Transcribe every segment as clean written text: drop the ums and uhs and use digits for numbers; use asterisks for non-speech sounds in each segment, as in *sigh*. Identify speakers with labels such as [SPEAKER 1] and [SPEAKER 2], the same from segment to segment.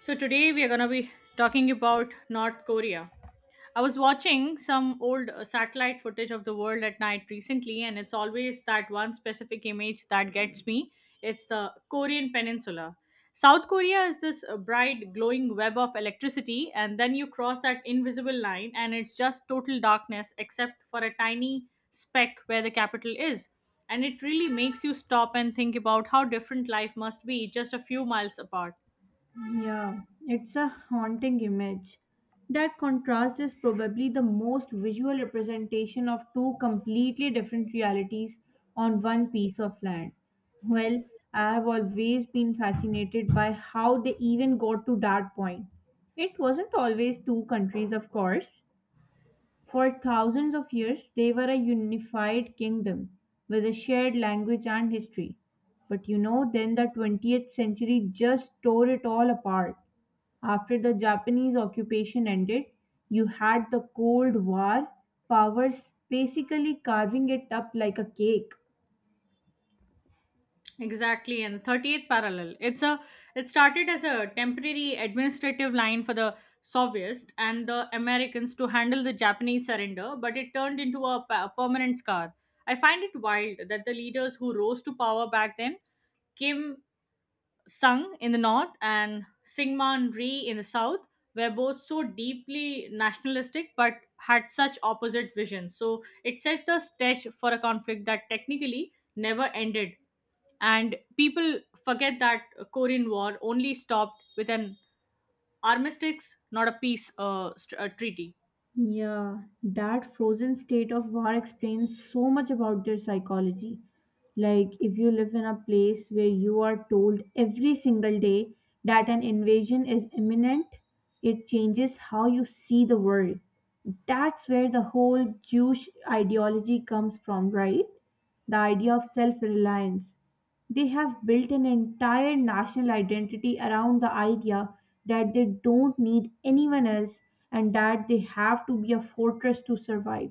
[SPEAKER 1] So today we are going to be talking about North Korea. I was watching some old satellite footage of the world at night recently, and it's always that one specific image that gets me. It's the Korean Peninsula. South Korea is this bright, glowing web of electricity, and then you cross that invisible line, and it's just total darkness except for a tiny speck where the capital is. And it really makes you stop and think about how different life must be just a few miles apart.
[SPEAKER 2] Yeah, it's a haunting image. That contrast is probably the most visual representation of two completely different realities on one piece of land. Well, I have always been fascinated by how they even got to that point. It wasn't always two countries, of course. For thousands of years, they were a unified kingdom with a shared language and history. But you know, then the 20th century just tore it all apart. After the Japanese occupation ended, you had the Cold War powers basically carving it up like a cake.
[SPEAKER 1] Exactly, and 38th parallel. It started as a temporary administrative line for the Soviets and the Americans to handle the Japanese surrender, but it turned into a permanent scar. I find it wild that the leaders who rose to power back then, Kim Sung in the north and Syngman Rhee in the south, were both so deeply nationalistic but had such opposite visions. So it set the stage for a conflict that technically never ended, and people forget that korean war only stopped with an armistice, not a peace treaty.
[SPEAKER 2] Yeah, that frozen state of war explains so much about their psychology. Like, if you live in a place where you are told every single day that an invasion is imminent, it changes how you see the world. That's where the whole Jewish ideology comes from, right? The idea of self reliance. They have built an entire national identity around the idea that they don't need anyone else and that they have to be a fortress to survive.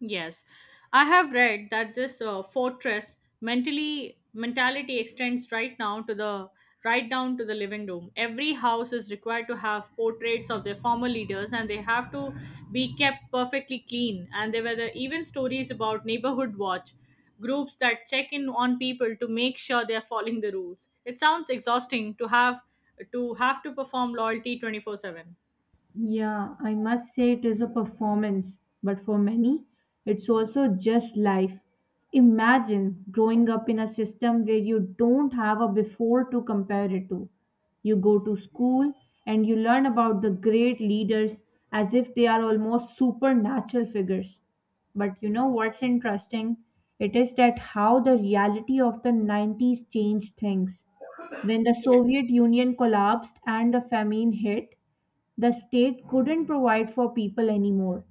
[SPEAKER 1] Yes, I have read that this fortress mentally mentality extends right down to the living room. Every house is required to have portraits of their former leaders, and they have to be kept perfectly clean. And there were even stories about neighborhood watch groups that check in on people to make sure they are following the rules. It sounds exhausting to have to perform loyalty 24/7.
[SPEAKER 2] Yeah, I must say it is a performance, but for many, it's also just life. Imagine growing up in a system where you don't have a before to compare it to. You go to school and you learn about the great leaders as if they are almost supernatural figures. But you know what's interesting? It is that how the reality of the 90s changed things. When the
[SPEAKER 1] Yes.
[SPEAKER 2] Soviet Union collapsed and the famine hit, the state couldn't provide for people anymore.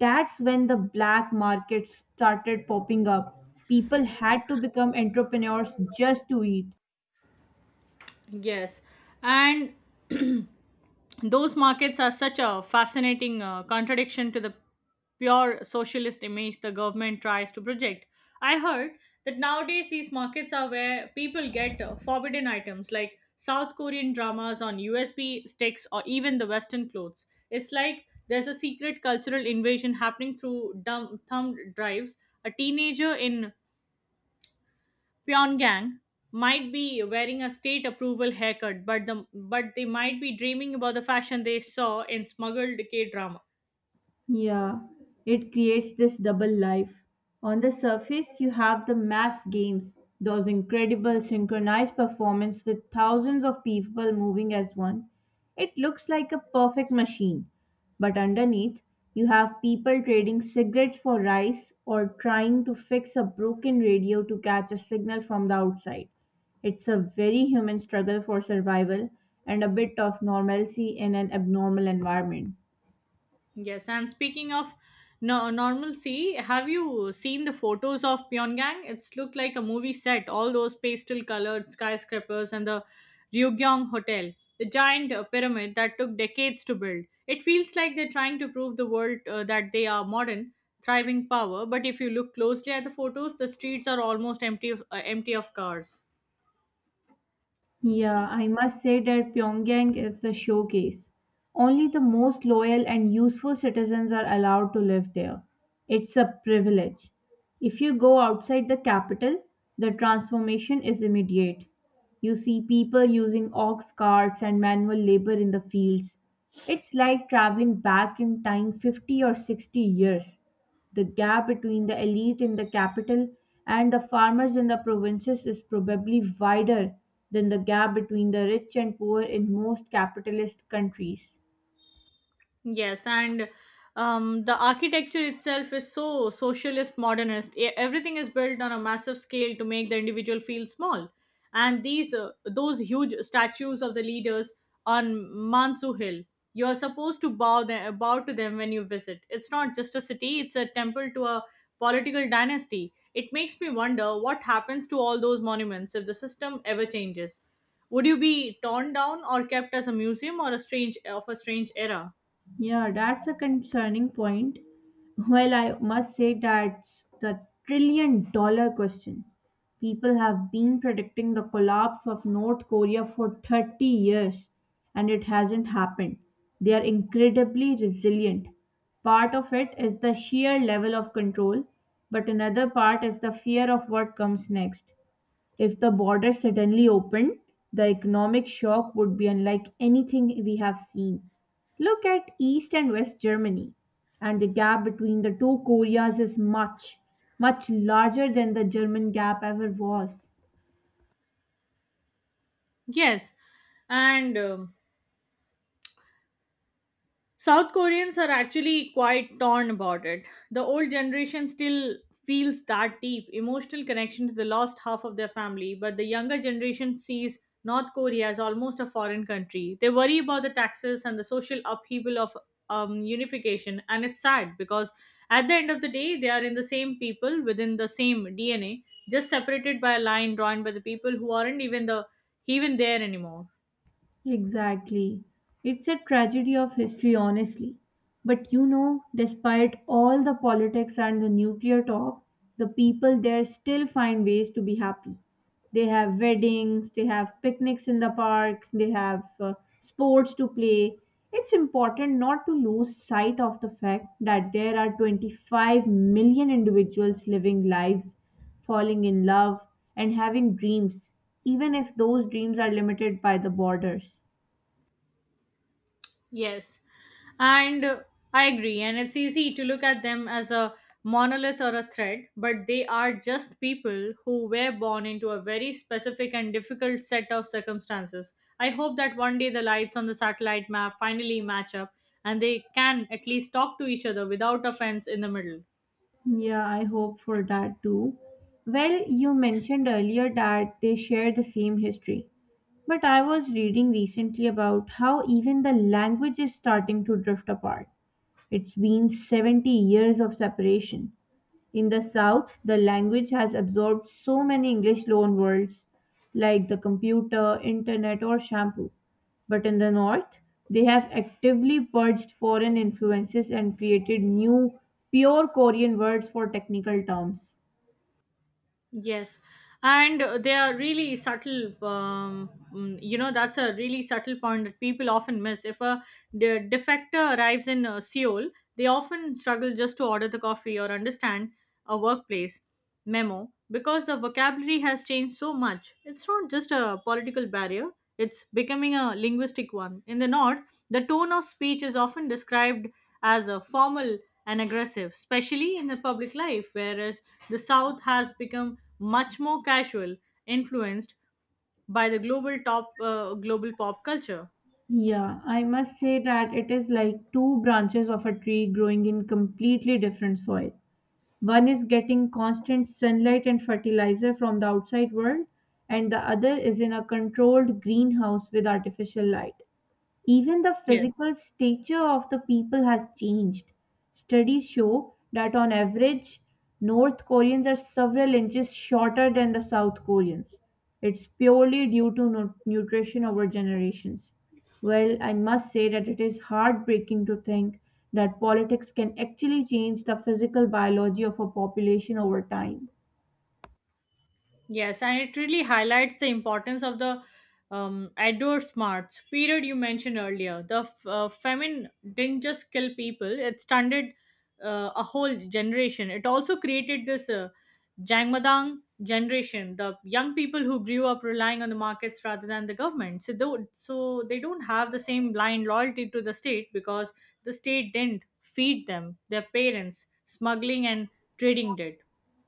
[SPEAKER 2] That's when the black market started popping up. People had to become entrepreneurs just to eat.
[SPEAKER 1] Yes. And those markets are such a fascinating contradiction to the pure socialist image the government tries to project. I heard that nowadays these markets are where people get forbidden items like South Korean dramas on USB sticks or even the Western clothes. It's like there's a secret cultural invasion happening through dumb thumb drives. A teenager in Pyongyang might be wearing a state approval haircut, but they might be dreaming about the fashion they saw in smuggled K drama.
[SPEAKER 2] Yeah, it creates this double life. On the surface, you have the mass games, those incredible synchronized performance with thousands of people moving as one. It looks like a perfect machine. But underneath, you have people trading cigarettes for rice or trying to fix a broken radio to catch a signal from the outside. It's a very human struggle for survival and a bit of normalcy in an abnormal environment.
[SPEAKER 1] Yes, and speaking of normalcy, have you seen the photos of Pyongyang? It's looked like a movie set. All those pastel-colored skyscrapers and the Ryugyong Hotel, the giant pyramid that took decades to build. It feels like they're trying to prove the world that they are modern, thriving power. But if you look closely at the photos, the streets are almost empty empty of cars.
[SPEAKER 2] Yeah, I must say that Pyongyang is the showcase. Only the most loyal and useful citizens are allowed to live there. It's a privilege. If you go outside the capital, the transformation is immediate. You see people using ox carts and manual labor in the fields. It's like traveling back in time 50 or 60 years. The gap between the elite in the capital and the farmers in the provinces is probably wider than the gap between the rich and poor in most capitalist countries.
[SPEAKER 1] Yes, and the architecture itself is so socialist modernist. E- Everything is built on a massive scale to make the individual feel small. And these those huge statues of the leaders on Mansu Hill, you are supposed to bow to them when you visit. It's not just a city; it's a temple to a political dynasty. It makes me wonder what happens to all those monuments if the system ever changes. Would you be torn down or kept as a museum or a strange of a strange era?
[SPEAKER 2] Yeah, that's a concerning point. Well, I must say that's the trillion dollar question. People have been predicting the collapse of North Korea for 30 years and it hasn't happened. They are incredibly resilient. Part of it is the sheer level of control, but another part is the fear of what comes next. If the border suddenly opened, the economic shock would be unlike anything we have seen. Look at East and West Germany, and the gap between the two Koreas is much, much larger than the German gap ever was.
[SPEAKER 1] Yes, and South Koreans are actually quite torn about it. The old generation still feels that deep emotional connection to the lost half of their family, but the younger generation sees North Korea as almost a foreign country. They worry about the taxes and the social upheaval of unification, and it's sad because at the end of the day, they are in the same people within the same DNA, just separated by a line drawn by the people who aren't even there anymore.
[SPEAKER 2] Exactly. It's a tragedy of history, honestly. But you know, despite all the politics and the nuclear talk, the people there still find ways to be happy. They have weddings, they have picnics in the park, they have sports to play. It's important not to lose sight of the fact that there are 25 million individuals living lives, falling in love, and having dreams, even if those dreams are limited by the borders.
[SPEAKER 1] Yes. And I agree. And it's easy to look at them as a monolith or a thread, but they are just people who were born into a very specific and difficult set of circumstances. I hope that one day the lights on the satellite map finally match up and they can at least talk to each other without offense in the middle.
[SPEAKER 2] Yeah, I hope for that too. Well, you mentioned earlier that they share the same history. But I was reading recently about how even the language is starting to drift apart. It's been 70 years of separation. In the South, the language has absorbed so many English loanwords like the computer, internet, or shampoo. But in the North, they have actively purged foreign influences and created new, pure Korean words for technical terms.
[SPEAKER 1] Yes, and they are really subtle. That's a really subtle point that people often miss. If a defector arrives in Seoul, they often struggle just to order the coffee or understand a workplace memo because the vocabulary has changed so much. It's not just a political barrier; it's becoming a linguistic one. In the north, the tone of speech is often described as a formal and aggressive, especially in the public life, whereas the South has become much more casual, influenced by the global top global pop culture.
[SPEAKER 2] Yeah, I must say that it is like two branches of a tree growing in completely different soil. One is getting constant sunlight and fertilizer from the outside world, and the other is in a controlled greenhouse with artificial light. Even the
[SPEAKER 1] Yes.
[SPEAKER 2] physical stature of the people has changed. Studies show that on average, North Koreans are several inches shorter than the South Koreans. It's purely due to nutrition over generations. Well, I must say that it is heartbreaking to think that politics can actually change the physical biology of a population over time.
[SPEAKER 1] Yes, and it really highlights the importance of the outdoor smarts period you mentioned earlier. The famine didn't just kill people; it stunted a whole generation. It also created this Jangmadang generation, the young people who grew up relying on the markets rather than the government. So they don't have the same blind loyalty to the state because the state didn't feed them. Their parents smuggling and trading did.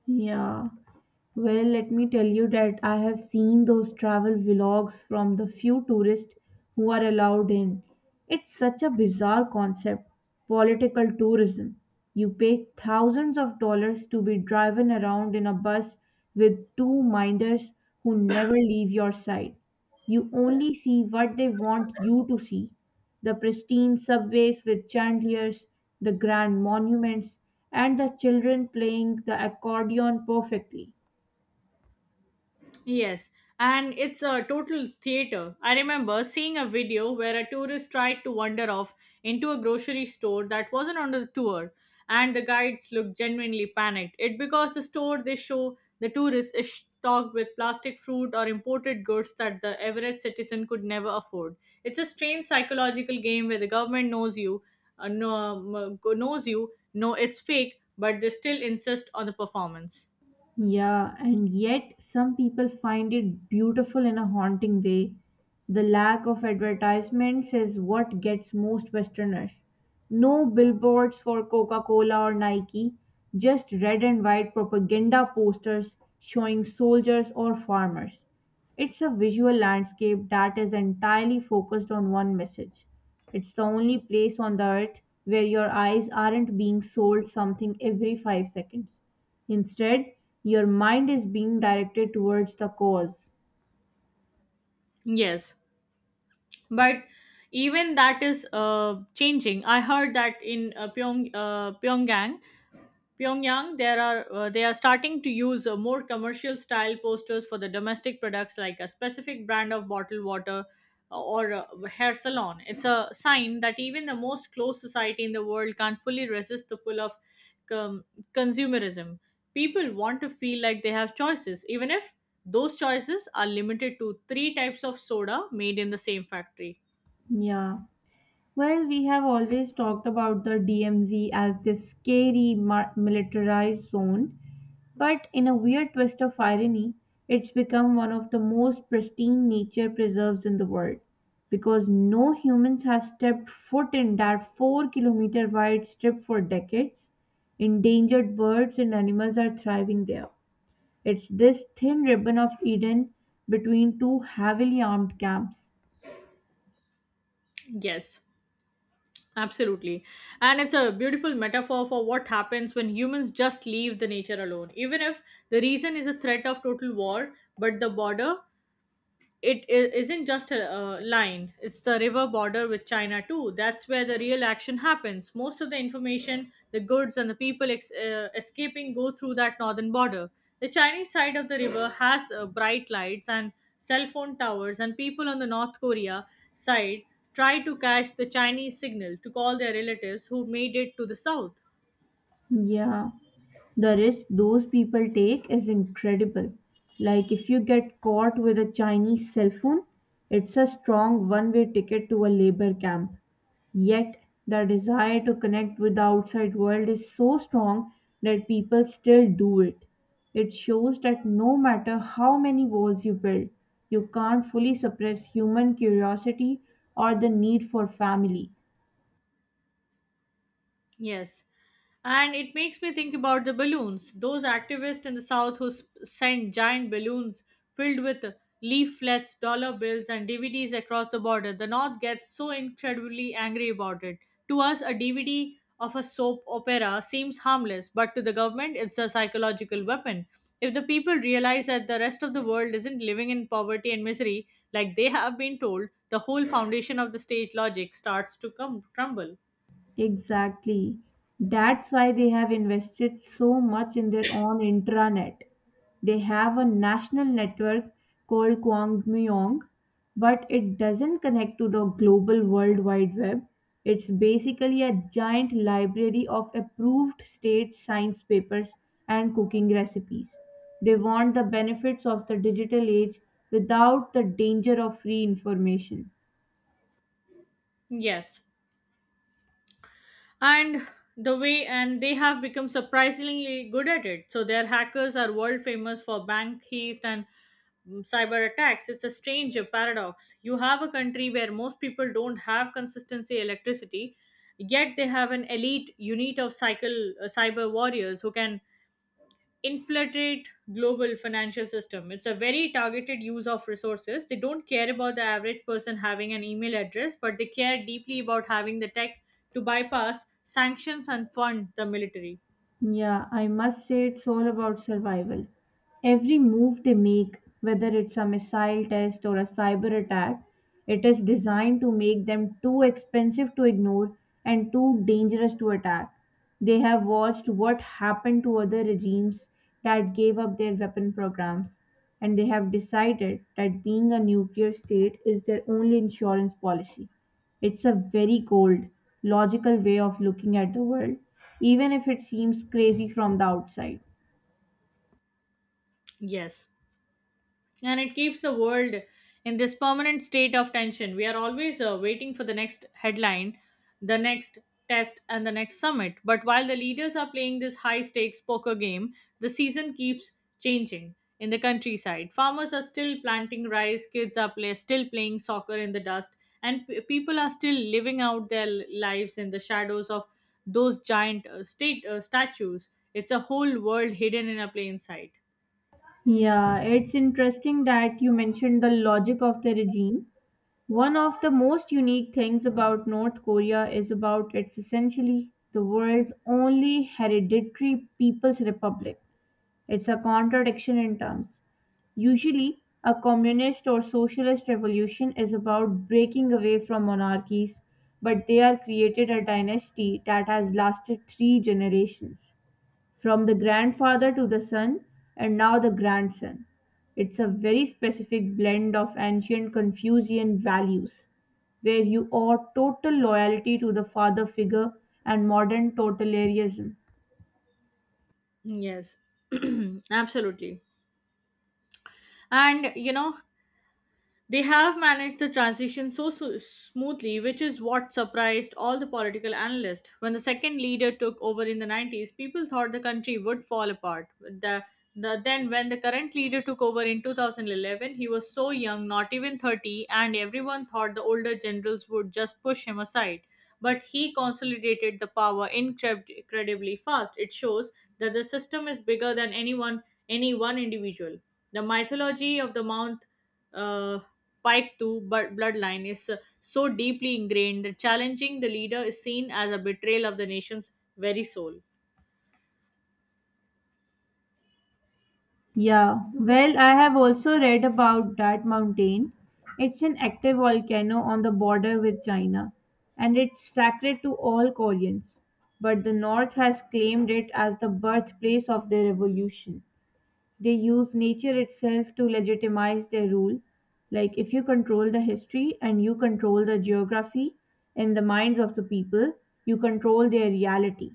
[SPEAKER 2] Yeah. Well, let me tell you that I have seen those travel vlogs from the few tourists who are allowed in. It's such a bizarre concept, political tourism. You pay thousands of dollars to be driven around in a bus with two minders who never leave your side. You only see what they want you to see: the pristine subways with chandeliers, the grand monuments, and the children playing the accordion perfectly.
[SPEAKER 1] Yes, and it's a total theater. I remember seeing a video where a tourist tried to wander off into a grocery store that wasn't on the tour, and the guides looked genuinely panicked. It because the store they show the tourist is stocked with plastic fruit or imported goods that the average citizen could never afford. It's a strange psychological game where the government knows you, no, knows know it's fake, but they still insist on the performance.
[SPEAKER 2] Yeah, and yet some people find it beautiful in a haunting way. The lack of advertisements is what gets most Westerners. No billboards for Coca Cola or Nike, just red and white propaganda posters showing soldiers or farmers. It's a visual landscape that is entirely focused on one message. It's the only place on the earth where your eyes aren't being sold something every 5 seconds. Instead, your mind is being directed towards the cause.
[SPEAKER 1] Yes, but even that is changing. I heard that in pyongyang there are they are starting to use more commercial style posters for the domestic products, like a specific brand of bottled water or a hair salon. It's a sign that even the most closed society in the world can't fully resist the pull of com- consumerism. People want to feel like they have choices, even if those choices are limited to three types of soda made in the same factory.
[SPEAKER 2] Yeah. Well, we have always talked about the DMZ as this scary militarized zone, but in a weird twist of irony, it's become one of the most pristine nature preserves in the world because no humans have stepped foot in that 4-kilometer wide strip for decades. Endangered birds and animals are thriving there. It's this thin ribbon of Eden between two heavily armed camps.
[SPEAKER 1] Yes, absolutely. And it's a beautiful metaphor for what happens when humans just leave the nature alone. Even if the reason is a threat of total war, but the border, isn't just a line. It's the river border with china too. That's where the real action happens. Most of the information, the goods, and the people escaping go through that northern border. The chinese side of the river has bright lights and cell phone towers, and people on the north korea side try to catch the chinese signal to call their relatives who made it to the south.
[SPEAKER 2] Yeah. The risk those people take is incredible. Like, if you get caught with a Chinese cell phone, it's a strong one way ticket to a labor camp. Yet, the desire to connect with the outside world is so strong that people still do it. It shows that no matter how many walls you build, you can't fully suppress human curiosity or the need for family.
[SPEAKER 1] Yes. And it makes me think about the balloons. Those activists in the South who sent giant balloons filled with leaflets, dollar bills, and DVDs across the border. The North gets so incredibly angry about it. To us, a DVD of a soap opera seems harmless, but to the government, it's a psychological weapon. If the people realize that the rest of the world isn't living in poverty and misery like they have been told, the whole foundation of the stage logic starts to crumble.
[SPEAKER 2] Exactly. That's why they have invested so much in their own intranet. They have a national network called Kwangmyong, but it doesn't connect to the global World Wide Web. It's basically a giant library of approved state science papers and cooking recipes. They want the benefits of the digital age without the danger of free information.
[SPEAKER 1] Yes, and the way and they have become surprisingly good at it. So their hackers are world famous for bank heist and cyber attacks. It's a strange paradox. You have a country where most people don't have consistency electricity, yet they have an elite unit of cycle cyber warriors who can infiltrate global financial system. It's a very targeted use of resources. They don't care about the average person having an email address, but they care deeply about having the tech to bypass sanctions and fund the military.
[SPEAKER 2] Yeah, I must say it's all about survival. Every move they make, whether it's a missile test or a cyber attack, it is designed to make them too expensive to ignore and too dangerous to attack. They have watched what happened to other regimes that gave up their weapon programs, and they have decided that being a nuclear state is their only insurance policy. It's a very cold, logical way of looking at the world, even if it seems crazy from the outside.
[SPEAKER 1] Yes, and it keeps the world in this permanent state of tension. We are always waiting for the next headline, the next test, and the next summit. But while the leaders are playing this high stakes poker game, the season keeps changing in the countryside. Farmers are still planting rice, kids are still playing soccer in the dust, and people are still living out their lives in the shadows of those giant state statues. It's a whole world hidden in a plain sight.
[SPEAKER 2] Yeah, it's interesting that you mentioned the logic of the regime. One of the most unique things about North Korea is about it's essentially the world's only hereditary people's republic. It's a contradiction in terms. Usually, a communist or socialist revolution is about breaking away from monarchies, but they are created a dynasty that has lasted three generations, from the grandfather to the son, and now the grandson. It's a very specific blend of ancient Confucian values, where you owe total loyalty to the father figure and modern totalitarianism.
[SPEAKER 1] Yes, *clears throat* absolutely. And you know, they have managed the transition so smoothly, which is what surprised all the political analysts. When the second leader took over in the 90s, people thought the country would fall apart. When the current leader took over in 2011, he was so young, not even 30, and everyone thought the older generals would just push him aside. But he consolidated the power incredibly fast. It shows that the system is bigger than any one individual. The mythology of the Mount uh, Pike 2 but bloodline is so deeply ingrained that challenging the leader is seen as a betrayal of the nation's very soul.
[SPEAKER 2] Yeah, well, I have also read about that mountain. It's an active volcano on the border with China, and it's sacred to all Koreans. But the North has claimed it as the birthplace of the revolution. They use nature itself to legitimize their rule. Like, if you control the history and you control the geography in the minds of the people, you control their reality.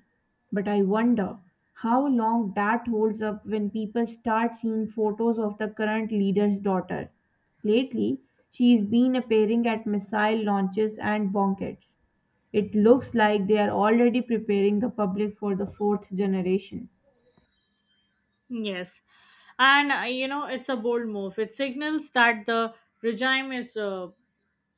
[SPEAKER 2] But I wonder how long that holds up when people start seeing photos of the current leader's daughter. Lately, she's been appearing at missile launches and bombkets. It looks like they are already preparing the public for the fourth generation.
[SPEAKER 1] Yes. And you know, it's a bold move. It signals that the regime is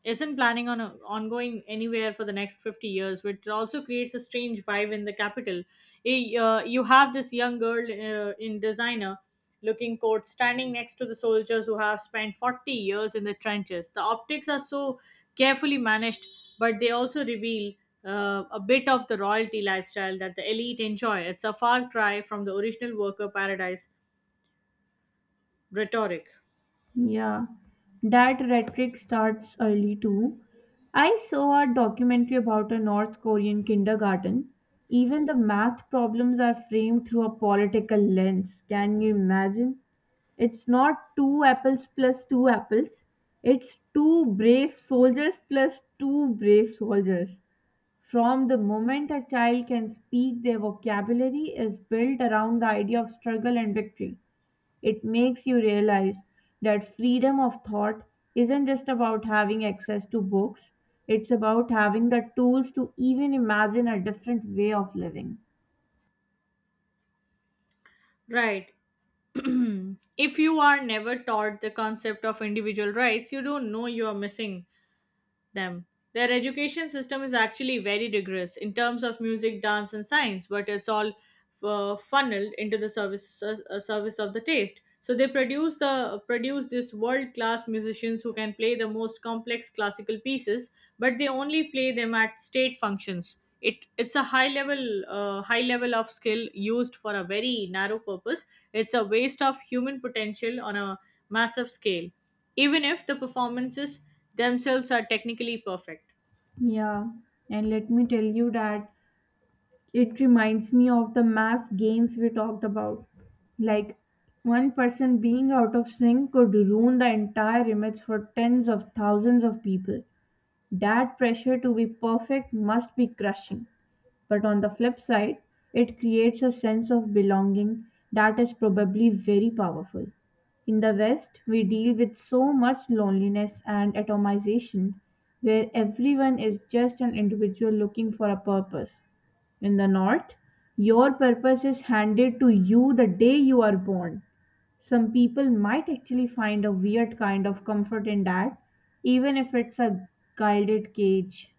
[SPEAKER 1] isn't planning on going anywhere for the next 50 years, which also creates a strange vibe in the capital. You have this young girl in designer looking coat standing next to the soldiers who have spent 40 years in the trenches. The optics are so carefully managed, but they also reveal a bit of the royalty lifestyle that the elite enjoy. It's a far cry from the original worker paradise rhetoric.
[SPEAKER 2] Yeah, that rhetoric starts early too. I saw a documentary about a North Korean kindergarten. Even the math problems are framed through a political lens. Can you imagine? It's not two apples plus two apples, it's two brave soldiers plus two brave soldiers. From the moment a child can speak, their vocabulary is built around the idea of struggle and victory. It makes you realize that freedom of thought isn't just about having access to books, it's about having the tools to even imagine a different way of living.
[SPEAKER 1] Right. *clears throat* If you are never taught the concept of individual rights, you don't know you are missing them. Their education system is actually very rigorous in terms of music, dance, and science, but it's all funneled into the service of the taste. So they produce this world class musicians who can play the most complex classical pieces, but they only play them at state functions. It's a high level of skill used for a very narrow purpose. It's a waste of human potential on a massive scale, even if the performances themselves are technically perfect.
[SPEAKER 2] Yeah, and let me tell you that it reminds me of the mass games we talked about. Like, one person being out of sync could ruin the entire image for tens of thousands of people. That pressure to be perfect must be crushing. But on the flip side, it creates a sense of belonging that is probably very powerful. In the West, we deal with so much loneliness and atomization where everyone is just an individual looking for a purpose. In the North, your purpose is handed to you the day you are born. Some people might actually find a weird kind of comfort in that, even if it's a gilded cage.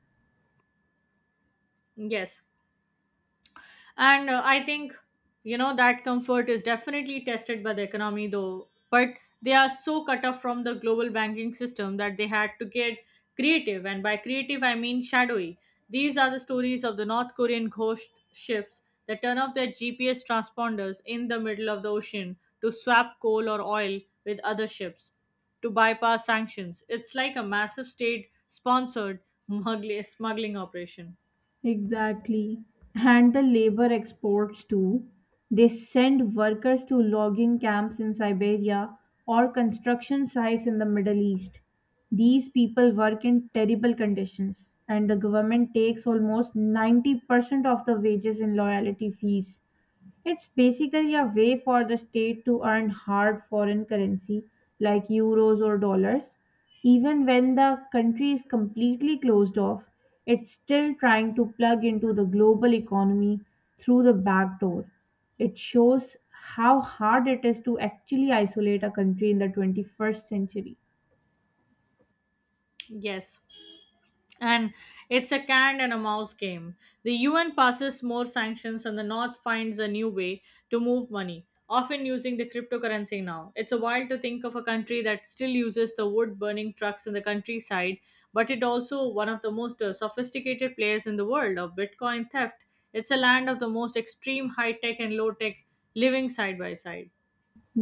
[SPEAKER 1] Yes. And I think, you know, that comfort is definitely tested by the economy, though. But they are so cut off from the global banking system that they had to get creative. And by creative, I mean shadowy. These are the stories of the North Korean ghost ships that turn off their GPS transponders in the middle of the ocean to swap coal or oil with other ships to bypass sanctions. It's like a massive state sponsored *laughs* smuggling operation.
[SPEAKER 2] Exactly. And the labor exports too. They send workers to logging camps in Siberia or construction sites in the Middle East. These people work in terrible conditions, and the government takes almost 90% of the wages in loyalty fees. It's basically a way for the state to earn hard foreign currency like euros or dollars. Even when the country is completely closed off, it's still trying to plug into the global economy through the back door. It shows how hard it is to actually isolate a country in the 21st century.
[SPEAKER 1] Yes. And it's a cat and a mouse game. The UN passes more sanctions, and the North finds a new way to move money, often using the cryptocurrency now. It's a while to think of a country that still uses the wood burning trucks in the countryside, but it also one of the most sophisticated players in the world of Bitcoin theft. It's a land of the most extreme high tech and low tech living side by side.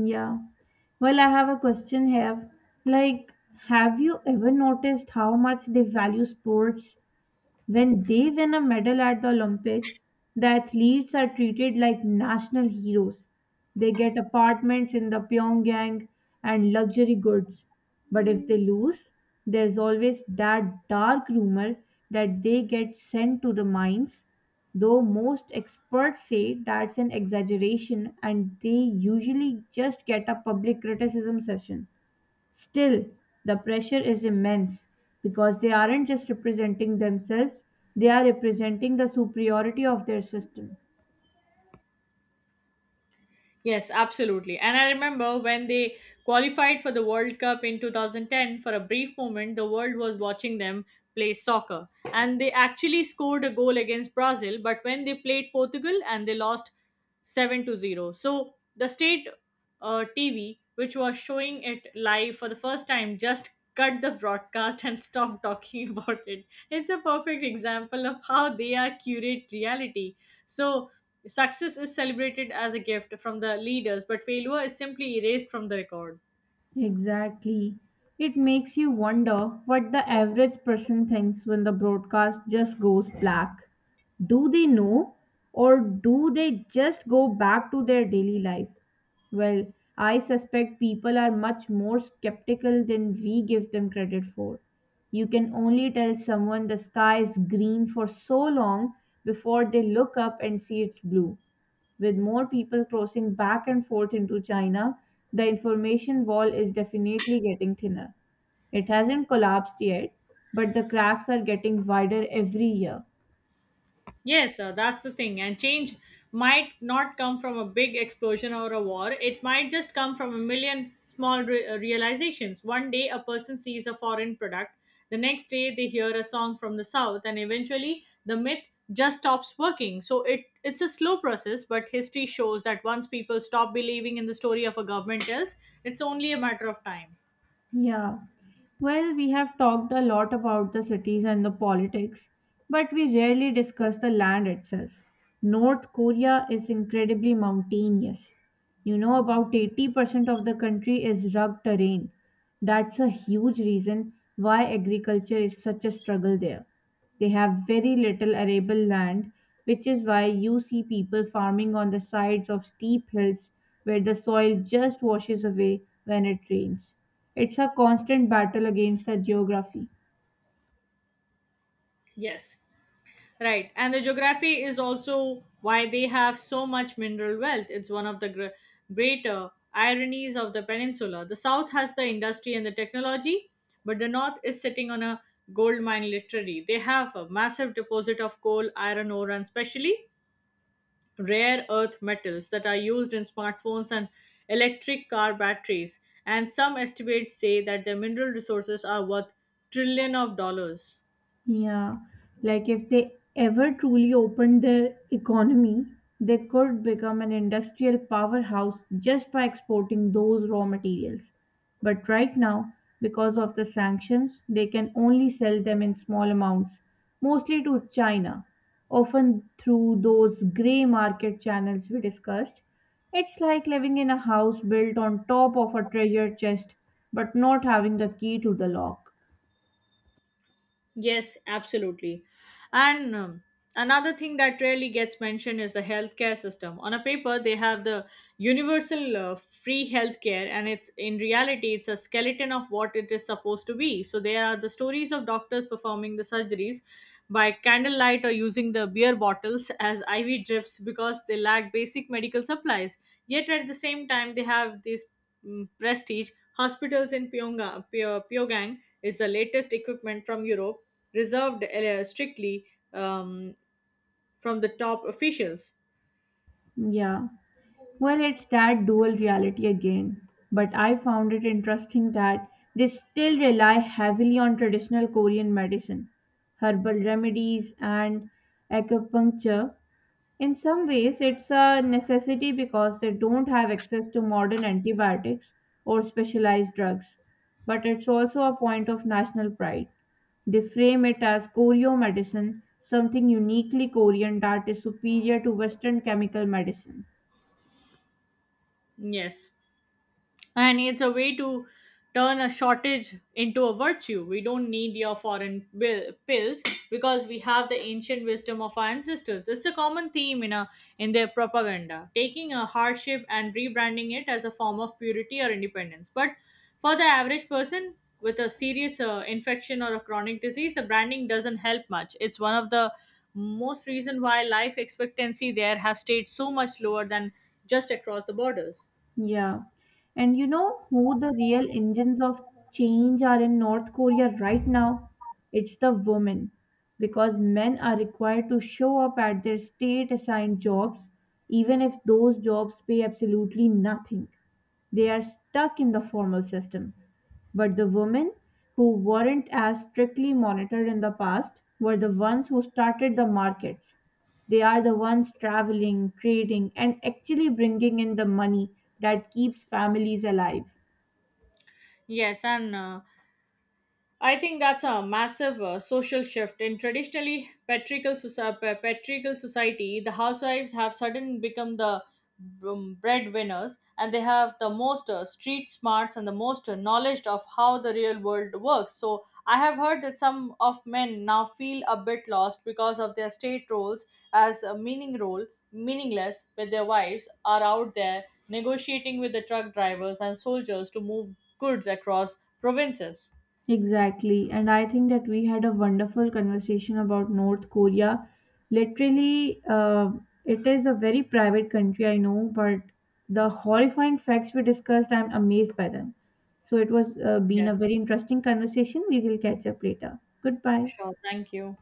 [SPEAKER 2] Yeah. Well, I have a question here. Like, have you ever noticed how much they value sports? When they win a medal at the Olympics, the athletes are treated like national heroes. They get apartments in the Pyongyang and luxury goods. But if they lose, there's always that dark rumor that they get sent to the mines, though most experts say that's an exaggeration and they usually just get a public criticism session. Still, the pressure is immense because they aren't just representing themselves, they are representing the superiority of their system.
[SPEAKER 1] Yes, absolutely. And I remember when they qualified for the World Cup in 2010. For a brief moment, the world was watching them play soccer. And they actually scored a goal against Brazil, but when they played Portugal and they lost 7-0. So the state TV, which was showing it live for the first time, just cut the broadcast and *laughs* stopped talking about it. It's a perfect example of how they are curate reality. So success is celebrated as a gift from the leaders, but failure is simply erased from the record.
[SPEAKER 2] Exactly. It makes you wonder what the average person thinks when the broadcast just goes black. Do they know, or do they just go back to their daily lives? Well, I suspect people are much more skeptical than we give them credit for. You can only tell someone the sky is green for so long before they look up and see it's blue. With more people crossing back and forth into China, the information wall is definitely getting thinner. It hasn't collapsed yet, but the cracks are getting wider every year.
[SPEAKER 1] Yes, sir, that's the thing. And change might not come from a big explosion or a war. It might just come from a million small realizations. One day, a person sees a foreign product. The next day, they hear a song from the south, and eventually, the myth just stops working. So it's a slow process, but history shows that once people stop believing in the story of a government else, it's only a matter of time.
[SPEAKER 2] Yeah. Well, we have talked a lot about the cities and the politics, but we rarely discuss the land itself. North Korea is incredibly mountainous. You know, about 80% of the country is rugged terrain. That's a huge reason why agriculture is such a struggle there. They have very little arable land, which is why you see people farming on the sides of steep hills where the soil just washes away when it rains. It's a constant battle against the geography.
[SPEAKER 1] Yes. Right, and the geography is also why they have so much mineral wealth. It's one of the greater ironies of the peninsula. The south has the industry and the technology, but the north is sitting on a gold mine, literally. They have a massive deposit of coal, iron ore, and especially rare earth metals that are used in smartphones and electric car batteries. And some estimates say that their mineral resources are worth trillion of dollars.
[SPEAKER 2] Yeah, like if they ever truly opened their economy, they could become an industrial powerhouse just by exporting those raw materials. But right now, because of the sanctions, they can only sell them in small amounts, mostly to China, often through those grey market channels we discussed. It's like living in a house built on top of a treasure chest, but not having the key to the lock.
[SPEAKER 1] Yes, absolutely. And another thing that rarely gets mentioned is the healthcare system. On a paper, they have the universal free healthcare, and it's in reality, it's a skeleton of what it is supposed to be. So there are the stories of doctors performing the surgeries by candlelight or using the beer bottles as IV drips because they lack basic medical supplies. Yet at the same time, they have these prestige hospitals in Pyongyang is the latest equipment from Europe reserved strictly um, from the top officials.
[SPEAKER 2] Yeah. Well, it's that dual reality again, but I found it interesting that they still rely heavily on traditional Korean medicine, herbal remedies, and acupuncture. In some ways, it's a necessity because they don't have access to modern antibiotics or specialized drugs, but it's also a point of national pride. They frame it as Koryo medicine, something uniquely Korean that is superior to Western chemical medicine.
[SPEAKER 1] Yes. And it's a way to turn a shortage into a virtue. We don't need your foreign pills because we have the ancient wisdom of our ancestors. It's a common theme in their propaganda, taking a hardship and rebranding it as a form of purity or independence. But for the average person with a serious infection or a chronic disease, the branding doesn't help much. It's one of the most reason why life expectancy there have stayed so much lower than just across the borders.
[SPEAKER 2] Yeah. And you know who the real engines of change are in North Korea right now? It's the women. Because men are required to show up at their state assigned jobs, even if those jobs pay absolutely nothing. They are stuck in the formal system. But the women who weren't as strictly monitored in the past were the ones who started the markets. They are the ones traveling, trading, and actually bringing in the money that keeps families alive.
[SPEAKER 1] Yes. And I think that's a massive social shift. In traditionally patriarchal, patriarchal society, the housewives have suddenly become the breadwinners, and they have the most street smarts and the most knowledge of how the real world works. So I have heard that some of men now feel a bit lost because of their state roles as a meaningless with their wives are out there negotiating with the truck drivers and soldiers to move goods across provinces.
[SPEAKER 2] Exactly. And I think that we had a wonderful conversation about North Korea. Literally, it is a very private country, I know, but the horrifying facts we discussed, I'm amazed by them. So it was been
[SPEAKER 1] Yes.
[SPEAKER 2] a very interesting conversation. We will catch up later. Goodbye.
[SPEAKER 1] Sure. Thank you.